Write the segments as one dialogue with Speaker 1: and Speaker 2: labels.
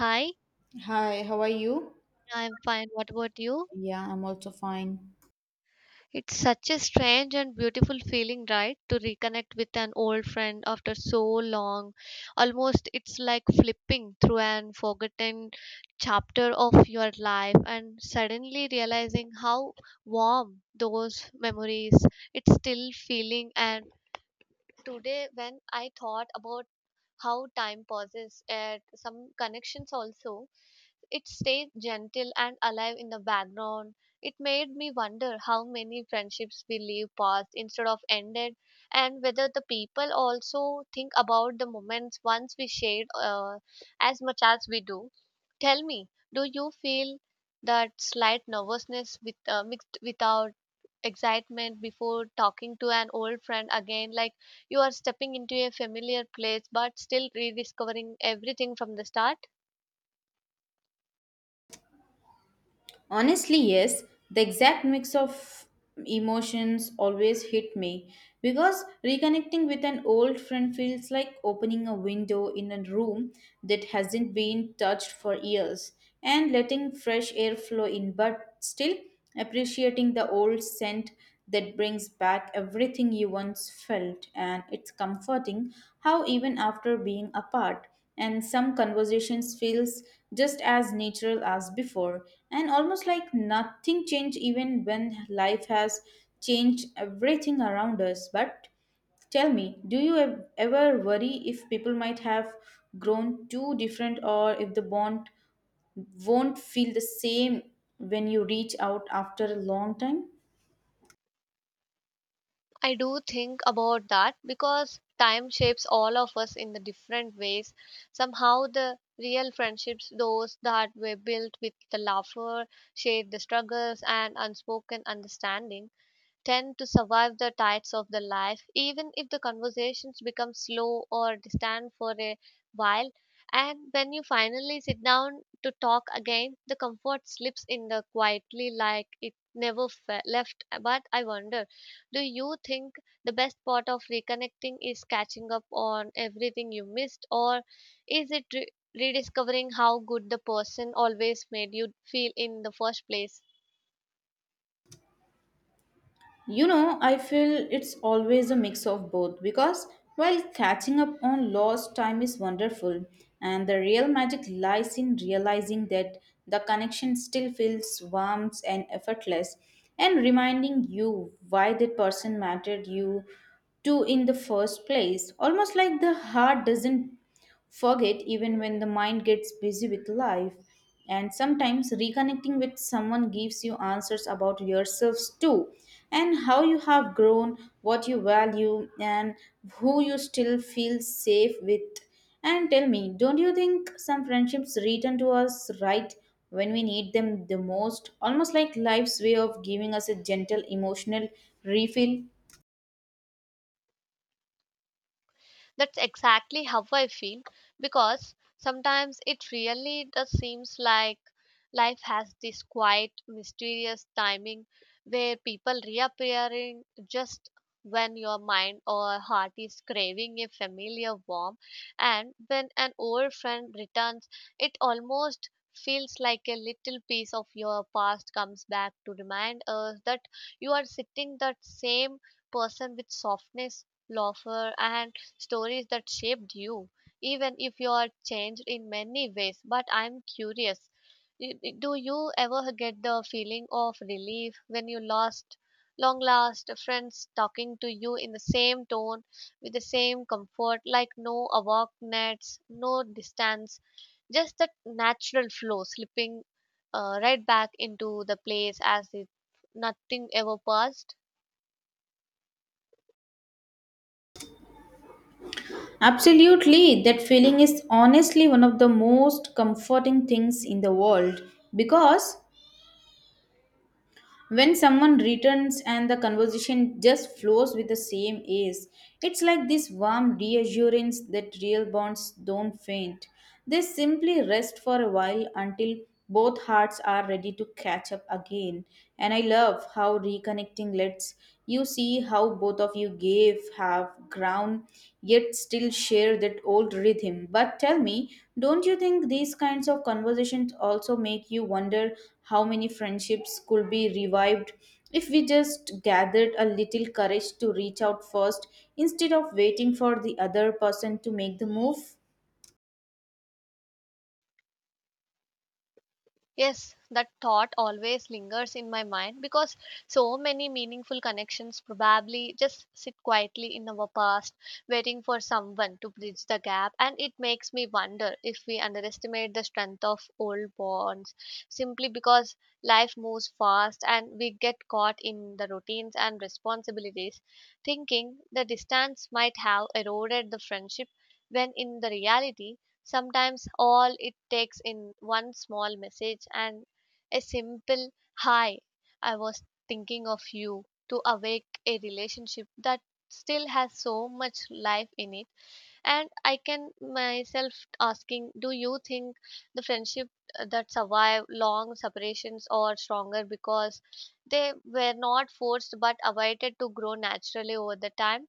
Speaker 1: Hi,
Speaker 2: Hi, how are you?
Speaker 1: I'm fine. What about you?
Speaker 2: Yeah, I'm also fine.
Speaker 1: It's such a strange and beautiful feeling, right? To reconnect with an old friend after so long. Almost it's like flipping through an forgotten chapter of your life and suddenly realizing how warm those memories. It's still feeling and today when I thought about how time pauses at some connections also it stayed gentle and alive in the background. It made me wonder how many friendships we leave past instead of ended, and whether the people also think about the moments once we shared, as much as we do. Tell me, do you feel that slight nervousness with mixed without excitement before talking to an old friend again, like you are stepping into a familiar place but still rediscovering everything from the start.
Speaker 2: Honestly, yes, the exact mix of emotions always hit me because reconnecting with an old friend feels like opening a window in a room that hasn't been touched for years and letting fresh air flow in, but still appreciating the old scent that brings back everything you once felt. And it's comforting how, even after being apart, and some conversations feels just as natural as before, and almost like nothing changed even when life has changed everything around us. But tell me, do you ever worry if people might have grown too different, or if the bond won't feel the same when you reach out after a long time?
Speaker 1: I do think about that because time shapes all of us in the different ways. Somehow, the real friendships, those that were built with the laughter, shared the struggles, and unspoken understanding, tend to survive the tides of the life, even if the conversations become slow or distant for a while. And when you finally sit down to talk again, the comfort slips in the quietly like it never left. But I wonder, do you think the best part of reconnecting is catching up on everything you missed, or is it rediscovering how good the person always made you feel in the first place?
Speaker 2: I feel it's always a mix of both because while catching up on lost time is wonderful, and the real magic lies in realizing that the connection still feels warm and effortless, and reminding you why that person mattered you to in the first place. Almost like the heart doesn't forget even when the mind gets busy with life. And sometimes reconnecting with someone gives you answers about yourselves too, and how you have grown, what you value, and who you still feel safe with. And tell me, don't you think some friendships return to us right when we need them the most? Almost like life's way of giving us a gentle emotional refill?
Speaker 1: That's exactly how I feel, because sometimes it really does seems like life has this quiet, mysterious timing where people reappearing just when your mind or heart is craving a familiar warmth, and when an old friend returns it almost feels like a little piece of your past comes back to remind us that you are sitting that same person with softness, laughter, and stories that shaped you, even if you are changed in many ways. But I'm curious, do you ever get the feeling of relief when you lost? Long last friends talking to you in the same tone with the same comfort, like no awkwardness, no distance, just that natural flow slipping right back into the place as if nothing ever passed.
Speaker 2: Absolutely, that feeling is honestly one of the most comforting things in the world because when someone returns and the conversation just flows with the same ease, it's like this warm reassurance that real bonds don't faint. They simply rest for a while until both hearts are ready to catch up again. And I love how reconnecting lets you see how both of you gave, have ground, yet still share that old rhythm. But tell me, don't you think these kinds of conversations also make you wonder how many friendships could be revived if we just gathered a little courage to reach out first instead of waiting for the other person to make the move?
Speaker 1: Yes, that thought always lingers in my mind because so many meaningful connections probably just sit quietly in our past, waiting for someone to bridge the gap. And it makes me wonder if we underestimate the strength of old bonds simply because life moves fast and we get caught in the routines and responsibilities, thinking the distance might have eroded the friendship when in the reality sometimes all it takes in one small message and a simple hi, I was thinking of you, to awake a relationship that still has so much life in it. And I can myself asking, do you think the friendship that survive long separations are stronger because they were not forced but avoided to grow naturally over the time?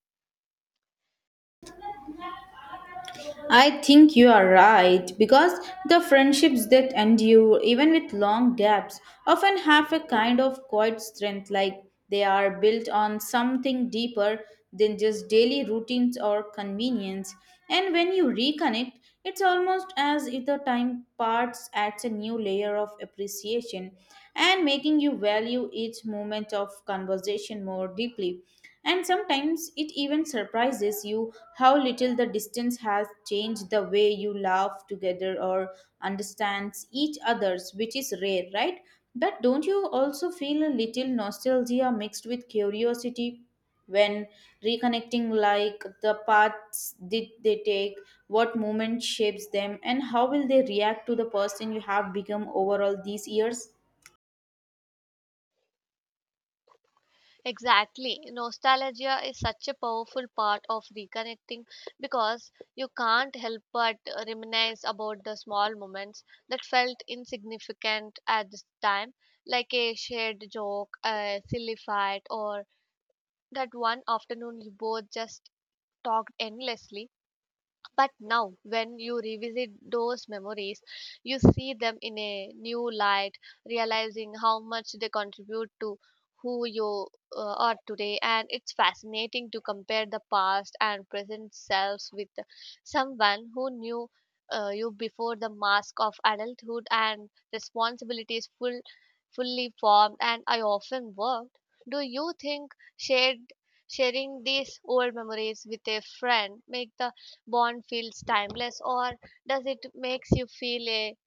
Speaker 2: I think you are right because the friendships that endure, even with long gaps, often have a kind of quiet strength, like they are built on something deeper than just daily routines or convenience. And when you reconnect, it's almost as if the time parts adds a new layer of appreciation, and making you value each moment of conversation more deeply. And sometimes it even surprises you how little the distance has changed the way you laugh together or understands each other's, which is rare, right? But don't you also feel a little nostalgia mixed with curiosity when reconnecting, like the paths did they take, what moment shapes them, and how will they react to the person you have become overall these years?
Speaker 1: Exactly. Nostalgia is such a powerful part of reconnecting because you can't help but reminisce about the small moments that felt insignificant at this time, like a shared joke, a silly fight, or that one afternoon you both just talked endlessly. But now, when you revisit those memories, you see them in a new light, realizing how much they contribute to who you are today. And it's fascinating to compare the past and present selves with someone who knew, you before the mask of adulthood and responsibilities fully formed. And I often worked. Do you think shared sharing these old memories with a friend make the bond feels timeless, or does it makes you feel a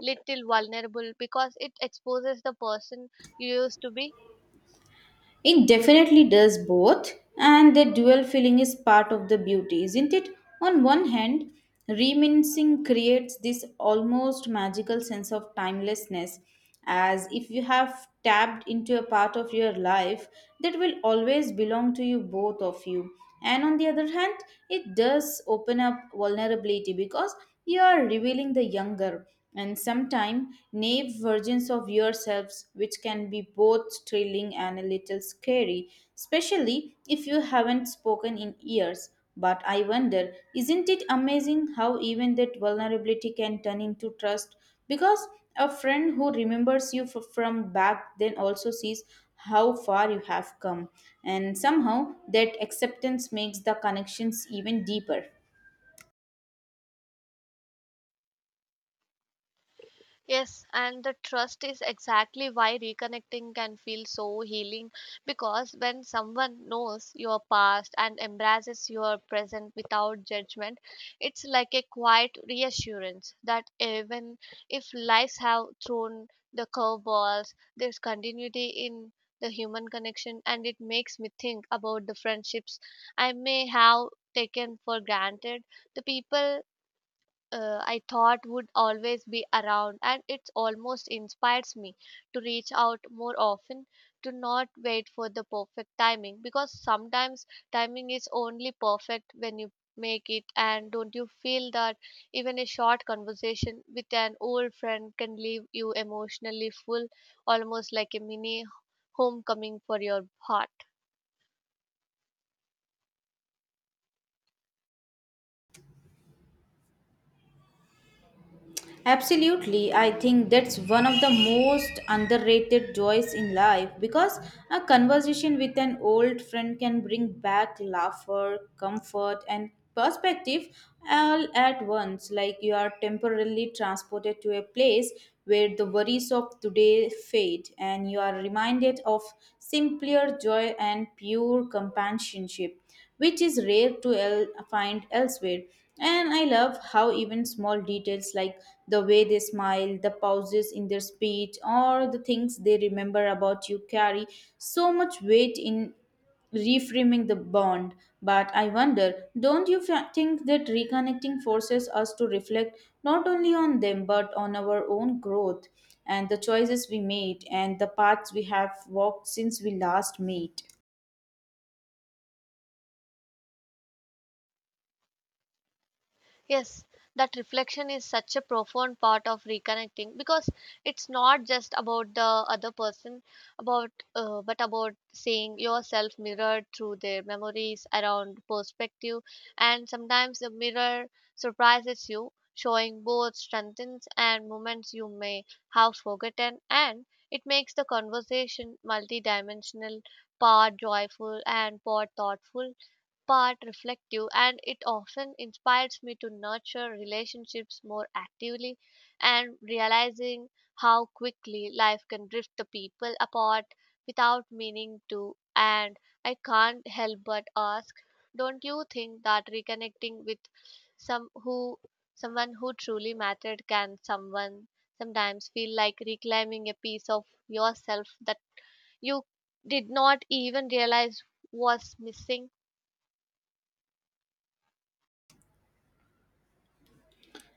Speaker 1: little vulnerable because it exposes the person you used to be?
Speaker 2: It definitely does both, and the dual feeling is part of the beauty, isn't it? On one hand, reminiscing creates this almost magical sense of timelessness, as if you have tapped into a part of your life that will always belong to you, both of you. And on the other hand, it does open up vulnerability because you are revealing the younger and sometimes naive versions of yourselves, which can be both thrilling and a little scary, especially if you haven't spoken in years. But I wonder, isn't it amazing how even that vulnerability can turn into trust? Because a friend who remembers you from back then also sees how far you have come, and somehow that acceptance makes the connections even deeper.
Speaker 1: Yes, and the trust is exactly why reconnecting can feel so healing, because when someone knows your past and embraces your present without judgment, it's like a quiet reassurance that even if lives have thrown the curveballs, there's continuity in the human connection, and it makes me think about the friendships I may have taken for granted, the people, I thought would always be around, and it almost inspires me to reach out more often, to not wait for the perfect timing, because sometimes timing is only perfect when you make it. And don't you feel that even a short conversation with an old friend can leave you emotionally full, almost like a mini homecoming for your heart?
Speaker 2: Absolutely, I think that's one of the most underrated joys in life because a conversation with an old friend can bring back laughter, comfort, and perspective all at once. Like you are temporarily transported to a place where the worries of today fade and you are reminded of simpler joy and pure companionship, which is rare to find elsewhere. And I love how even small details, like the way they smile, the pauses in their speech, or the things they remember about you, carry so much weight in reframing the bond. But I wonder, don't you think that reconnecting forces us to reflect not only on them but on our own growth and the choices we made and the paths we have walked since we last met?
Speaker 1: Yes, that reflection is such a profound part of reconnecting, because it's not just about the other person, about but about seeing yourself mirrored through their memories around perspective, and sometimes the mirror surprises you, showing both strengths and moments you may have forgotten, and it makes the conversation multidimensional, part joyful and part thoughtful, part reflective, and it often inspires me to nurture relationships more actively and realizing how quickly life can drift the people apart without meaning to. And I can't help but ask, don't you think that reconnecting with some who someone who truly mattered can someone sometimes feel like reclaiming a piece of yourself that you did not even realize was missing?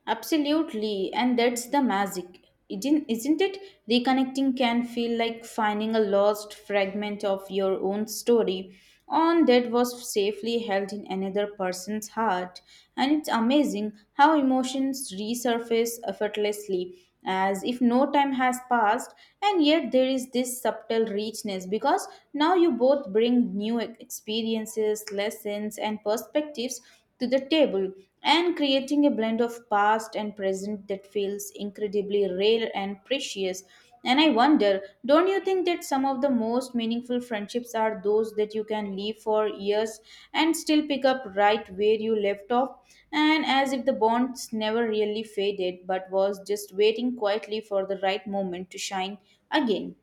Speaker 2: Absolutely, and that's the magic. Isn't it? Reconnecting can feel like finding a lost fragment of your own story on that was safely held in another person's heart. And it's amazing how emotions resurface effortlessly, as if no time has passed, and yet there is this subtle richness because now you both bring new experiences lessons and perspectives to the table, and creating a blend of past and present that feels incredibly rare and precious. And I wonder, don't you think that some of the most meaningful friendships are those that you can leave for years and still pick up right where you left off? And as if the bonds never really faded but was just waiting quietly for the right moment to shine again.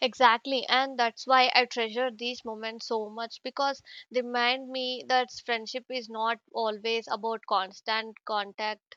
Speaker 1: Exactly, and that's why I treasure these moments so much, because they remind me that friendship is not always about constant contact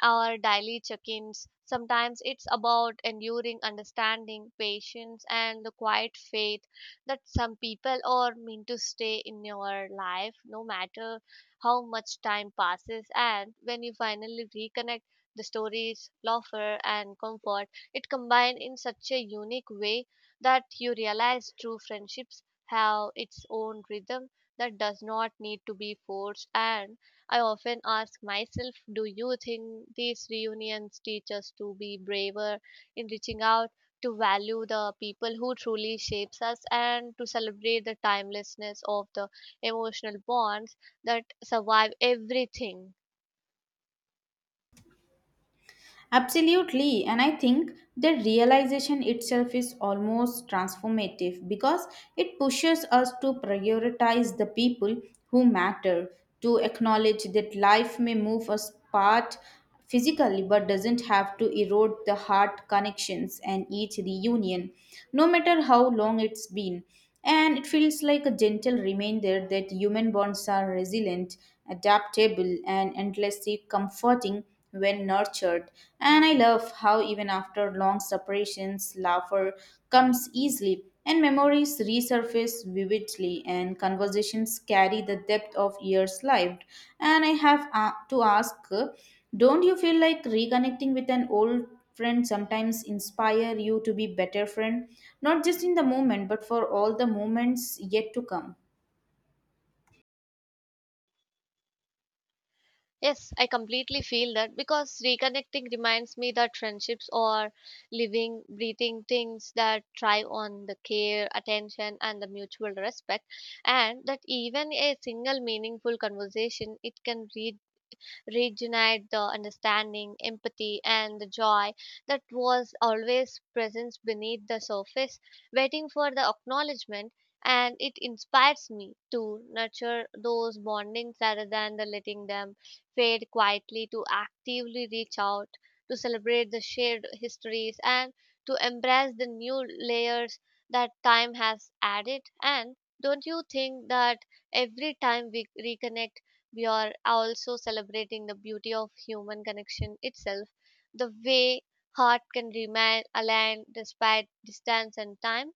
Speaker 1: our daily check-ins. Sometimes it's about enduring understanding, patience, and the quiet faith that some people are meant to stay in your life no matter how much time passes. And when you finally reconnect, the stories, laughter, and comfort, it combined in such a unique way that you realize true friendships have its own rhythm that does not need to be forced. And I often ask myself, do you think these reunions teach us to be braver in reaching out, to value the people who truly shapes us, and to celebrate the timelessness of the emotional bonds that survive everything?
Speaker 2: Absolutely, and I think the realization itself is almost transformative because it pushes us to prioritize the people who matter, to acknowledge that life may move us apart physically but doesn't have to erode the heart connections and each reunion, no matter how long it's been. And it feels like a gentle reminder that human bonds are resilient, adaptable, and endlessly comforting when nurtured. And I love how, even after long separations, laughter comes easily and memories resurface vividly, and conversations carry the depth of years lived. And I have to ask, don't you feel like reconnecting with an old friend sometimes inspire you to be better friend, not just in the moment but for all the moments yet to come?
Speaker 1: Yes, I completely feel that, because reconnecting reminds me that friendships are living, breathing things that thrive on the care, attention, and the mutual respect, and that even a single meaningful conversation it can reach regenerate the understanding, empathy, and the joy that was always present beneath the surface, waiting for the acknowledgement. And it inspires me to nurture those bondings rather than the letting them fade quietly, to actively reach out, to celebrate the shared histories, and to embrace the new layers that time has added. And don't you think that every time we reconnect, we are also celebrating the beauty of human connection itself, the way heart can remain aligned despite distance and time?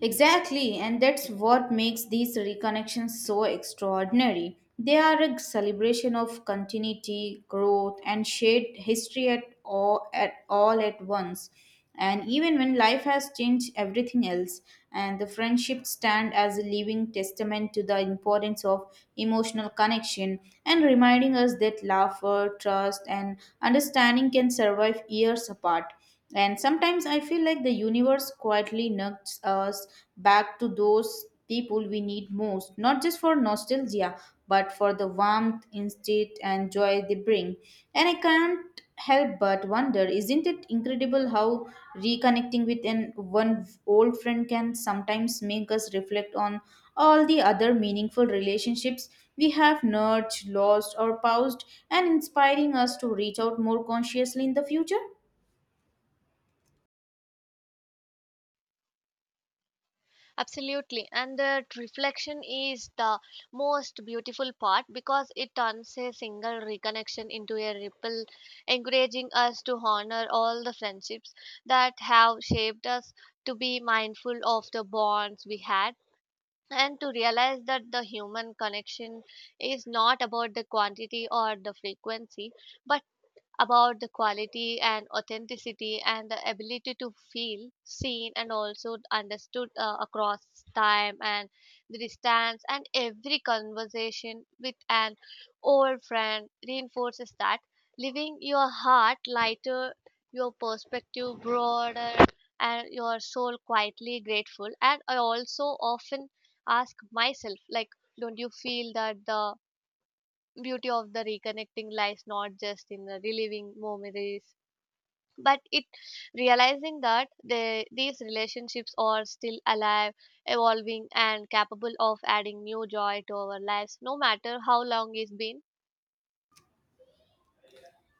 Speaker 2: Exactly, and that's what makes these reconnections so extraordinary. They are a celebration of continuity, growth, and shared history at all at once. And even when life has changed everything else, and the friendships stand as a living testament to the importance of emotional connection and reminding us that laughter, trust, and understanding can survive years apart. And sometimes I feel like the universe quietly nudges us back to those people we need most, not just for nostalgia, but for the warmth, instinct, and joy they bring. And I can't help but wonder, isn't it incredible how reconnecting with an one old friend can sometimes make us reflect on all the other meaningful relationships we have nurtured, lost, or paused, and inspiring us to reach out more consciously in the future?
Speaker 1: Absolutely. And the reflection is the most beautiful part, because it turns a single reconnection into a ripple, encouraging us to honor all the friendships that have shaped us, to be mindful of the bonds we had, and to realize that the human connection is not about the quantity or the frequency, but about the quality and authenticity and the ability to feel seen and also understood, across time and the distance. And every conversation with an old friend reinforces that, leaving your heart lighter, your perspective broader, and your soul quietly grateful. And I also often ask myself, like, don't you feel that the beauty of the reconnecting lies not just in the reliving memories, but it realizing that they, these relationships are still alive, evolving, and capable of adding new joy to our lives no matter how long it's been?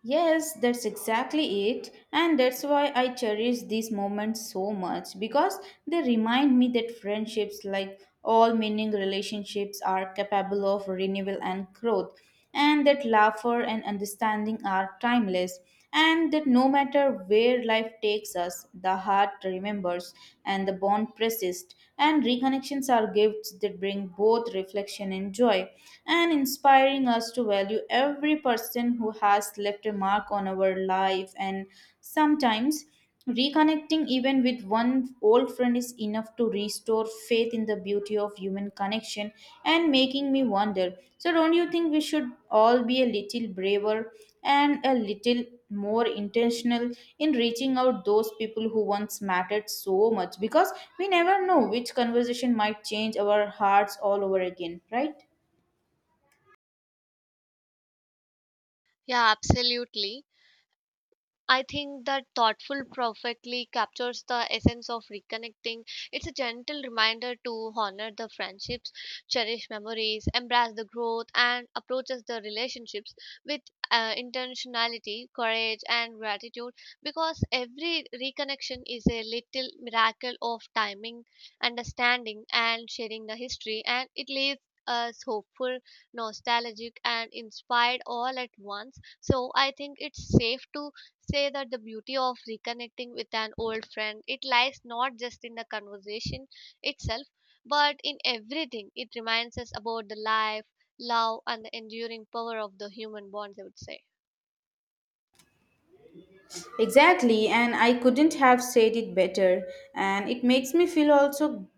Speaker 2: Yes, that's exactly it. And that's why I cherish these moments so much because they remind me that friendships, like all meaning relationships, are capable of renewal and growth, and that laughter and understanding are timeless, and that no matter where life takes us, the heart remembers and the bond persists. And reconnections are gifts that bring both reflection and joy, and inspiring us to value every person who has left a mark on our life. And sometimes reconnecting even with one old friend is enough to restore faith in the beauty of human connection and making me wonder. So, don't you think we should all be a little braver and a little more intentional in reaching out those people who once mattered so much? Because we never know which conversation might change our hearts all over again, right?
Speaker 1: Yeah, absolutely. I think that thoughtful perfectly captures the essence of reconnecting. It's a gentle reminder to honor the friendships, cherish memories, embrace the growth, and approaches the relationships with, intentionality, courage, and gratitude. Because every reconnection is a little miracle of timing, understanding, and sharing the history, and it leaves us hopeful, nostalgic, and inspired all at once. So I think it's safe to say that the beauty of reconnecting with an old friend it lies not just in the conversation itself, but in everything it reminds us about the life, love, and the enduring power of the human bonds, I would say.
Speaker 2: Exactly, and I couldn't have said it better. And it makes me feel also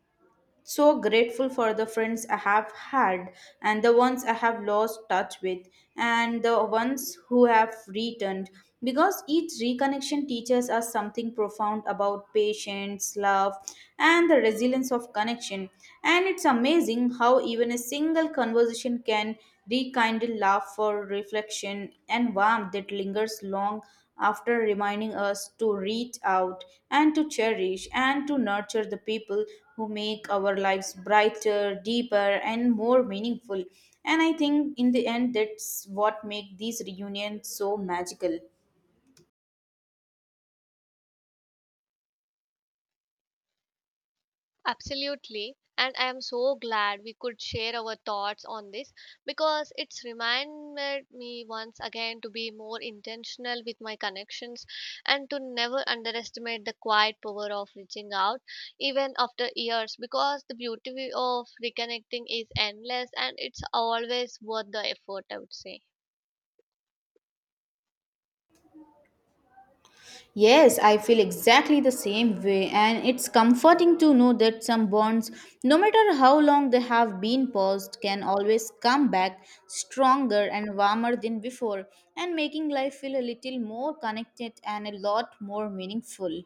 Speaker 2: so grateful for the friends I have had and the ones I have lost touch with and the ones who have returned because each reconnection teaches us something profound about patience, love, and the resilience of connection. And it's amazing how even a single conversation can rekindle love for reflection and warmth that lingers long after, reminding us to reach out and to cherish and to nurture the people who make our lives brighter, deeper, and more meaningful. And I think in the end, that's what makes these reunions so magical.
Speaker 1: Absolutely. And I am so glad we could share our thoughts on this, because it's reminded me once again to be more intentional with my connections and to never underestimate the quiet power of reaching out even after years, because the beauty of reconnecting is endless and it's always worth the effort, I would say.
Speaker 2: Yes, I feel exactly the same way, and it's comforting to know that some bonds, no matter how long they have been paused, can always come back stronger and warmer than before, and making life feel a little more connected and a lot more meaningful.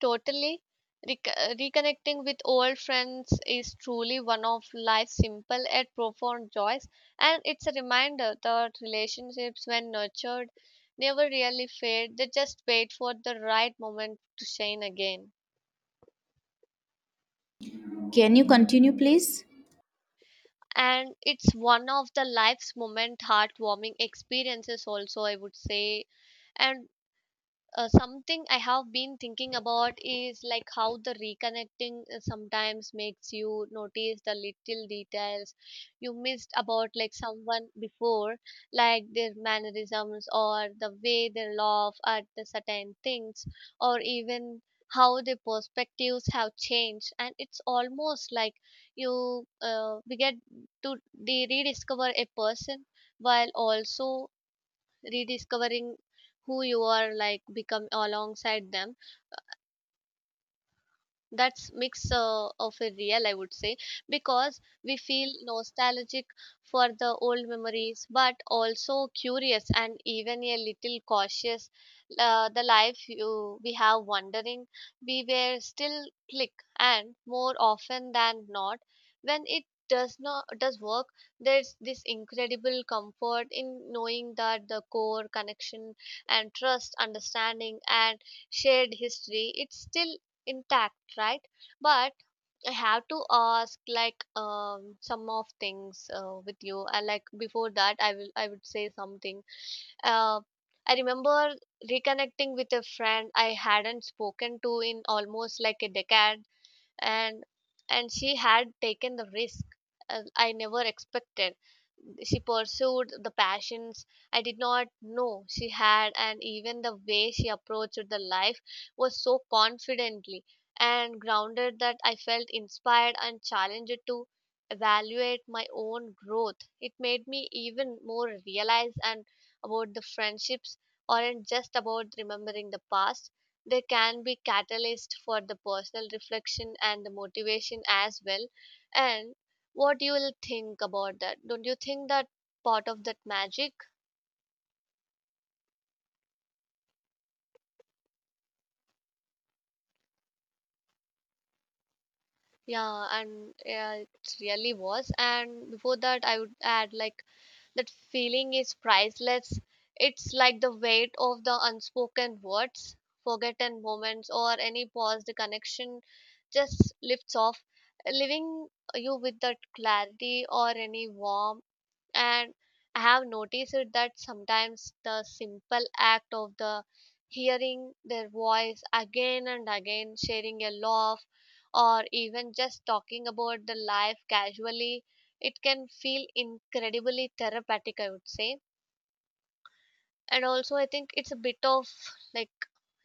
Speaker 1: Totally. Reconnecting with old friends is truly one of life's simple yet profound joys, and it's a reminder that relationships, when nurtured, never really fade. They just wait for the right moment to shine again.
Speaker 2: Can you continue, please?
Speaker 1: And it's one of the life's moment heartwarming experiences, also, I would say. And something I have been thinking about is like how the reconnecting sometimes makes you notice the little details you missed about like someone before, like their mannerisms or the way they laugh at the certain things, or even how their perspectives have changed. And it's almost like you we get to rediscover a person while also rediscovering who you are like become alongside them. That's mix of a real, I would say, because we feel nostalgic for the old memories but also curious and even a little cautious. The life we have, wondering we were still click, and more often than not when it does not does work, there's this incredible comfort in knowing that the core connection and trust understanding and shared history it's still intact, right? But I have to ask, like, some of things with you, and like before that I would say something. uh I remember reconnecting with a friend I hadn't spoken to in almost like a decade. And she had taken the risk I never expected. She pursued the passions I did not know she had, and even the way she approached the life was so confidently and grounded that I felt inspired and challenged to evaluate my own growth. It made me even more realize and about the friendships aren't just about remembering the past. They can be catalyst for the personal reflection and the motivation as well. And what you will think about that? Don't you think that part of that magic? Yeah, and yeah, it really was. And before that, I would add like that feeling is priceless. It's like the weight of the unspoken words, forgotten moments, or any paused connection just lifts off, leaving you with that clarity or any warmth. And I have noticed it that sometimes the simple act of the hearing their voice again and again, sharing a laugh or even just talking about the life casually, it can feel incredibly therapeutic, I would say. And also I think it's a bit of, like,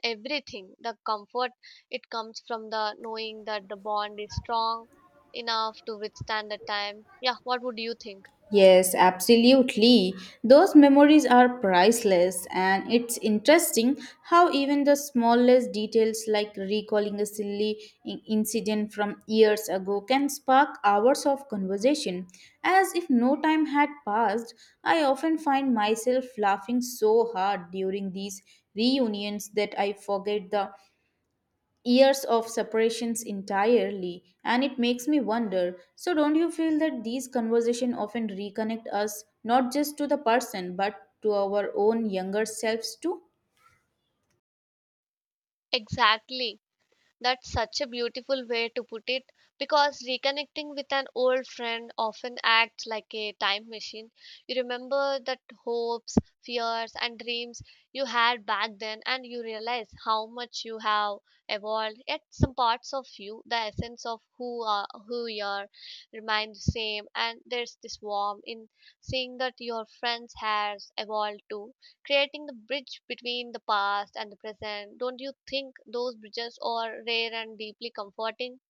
Speaker 1: everything. The comfort it comes from the knowing that the bond is strong enough to withstand the time. Yeah, what would you think?
Speaker 2: Yes, absolutely. Those memories are priceless, and it's interesting how even the smallest details, like recalling a silly incident from years ago, can spark hours of conversation. As if no time had passed, I often find myself laughing so hard during these reunions that I forget the years of separations entirely. And it makes me wonder, so don't you feel that these conversations often reconnect us not just to the person but to our own younger selves too?
Speaker 1: Exactly. That's such a beautiful way to put it because reconnecting with an old friend often acts like a time machine. You remember that hopes, fears, and dreams you had back then, and you realize how much you have evolved. Yet, some parts of you, the essence of who you are, remain the same. And there's this warmth in seeing that your friends has evolved too, creating the bridge between the past and the present. Don't you think those bridges are rare and deeply comforting?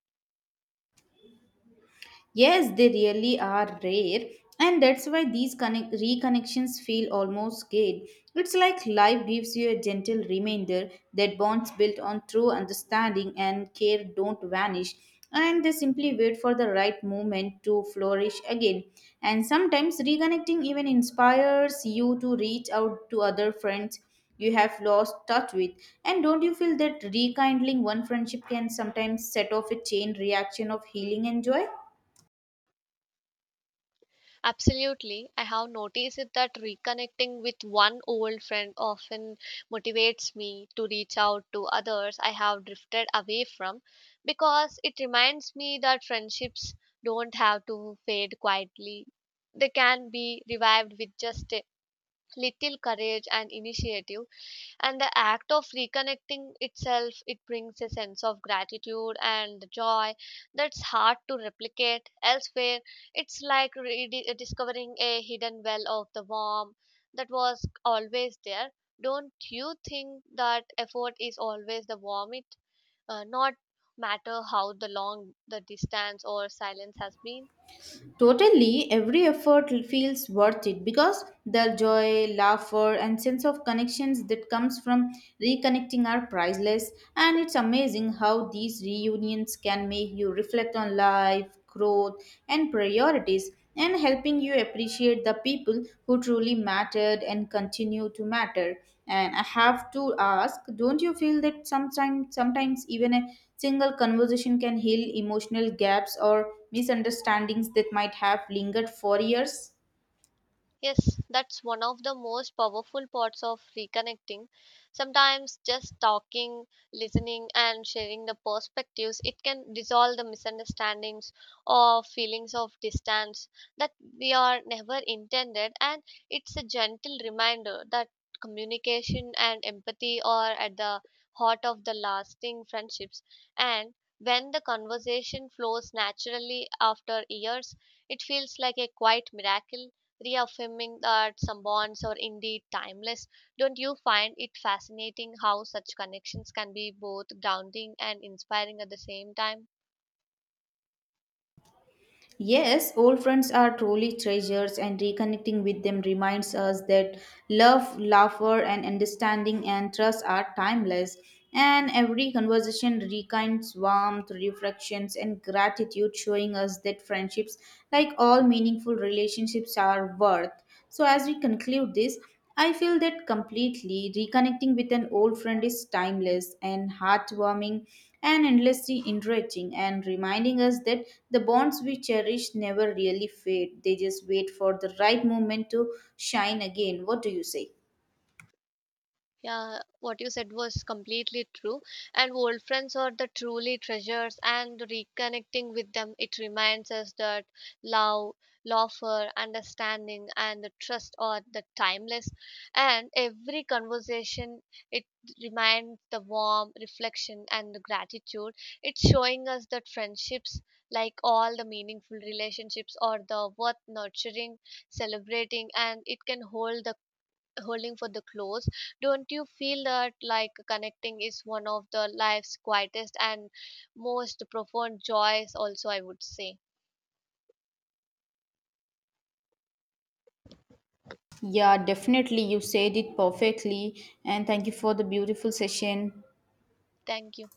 Speaker 2: Yes, they really are rare, and that's why these reconnections feel almost good. It's like life gives you a gentle reminder that bonds built on true understanding and care don't vanish, and they simply wait for the right moment to flourish again. And sometimes reconnecting even inspires you to reach out to other friends you have lost touch with. And don't you feel that rekindling one friendship can sometimes set off a chain reaction of healing and joy?
Speaker 1: Absolutely. I have noticed it that reconnecting with one old friend often motivates me to reach out to others I have drifted away from, because it reminds me that friendships don't have to fade quietly. They can be revived with just a little courage and initiative. And the act of reconnecting itself, it brings a sense of gratitude and joy that's hard to replicate elsewhere. It's like discovering a hidden well of the warmth that was always there. Don't you think that effort is always the warmth? It not matter how the long the distance or silence has been.
Speaker 2: Totally, every effort feels worth it because the joy, laughter, and sense of connections that comes from reconnecting are priceless. And it's amazing how these reunions can make you reflect on life, growth, and priorities, and helping you appreciate the people who truly mattered and continue to matter. And I have to ask, don't you feel that sometimes even a single conversation can heal emotional gaps or misunderstandings that might have lingered for years?
Speaker 1: Yes, that's one of the most powerful parts of reconnecting. Sometimes just talking, listening, and sharing the perspectives, it can dissolve the misunderstandings or feelings of distance that we are never intended. And it's a gentle reminder that communication and empathy are at the heart of the lasting friendships. And when the conversation flows naturally after years, it feels like a quiet miracle reaffirming that some bonds are indeed timeless. Don't you find it fascinating how such connections can be both grounding and inspiring at the same time?
Speaker 2: Yes, old friends are truly treasures, and reconnecting with them reminds us that love, laughter, and understanding and trust are timeless. And every conversation rekindles warmth, reflections, and gratitude, showing us that friendships, like all meaningful relationships, are worth. So, as we conclude this, I feel that completely reconnecting with an old friend is timeless and heartwarming and endlessly enriching, and reminding us that the bonds we cherish never really fade. They just wait for the right moment to shine again. What do you say?
Speaker 1: Yeah, what you said was completely true. And old friends are the truly treasures, and reconnecting with them, it reminds us that love, laughter, understanding, and the trust are the timeless. And every conversation, it reminds the warm reflection and the gratitude. It's showing us that friendships, like all the meaningful relationships, are the worth nurturing, celebrating, and it can hold the holding for the close. Don't you feel that like connecting is one of the life's quietest and most profound joys also, I would say.
Speaker 2: Yeah, definitely. You said it perfectly. And thank you for the beautiful session.
Speaker 1: Thank you.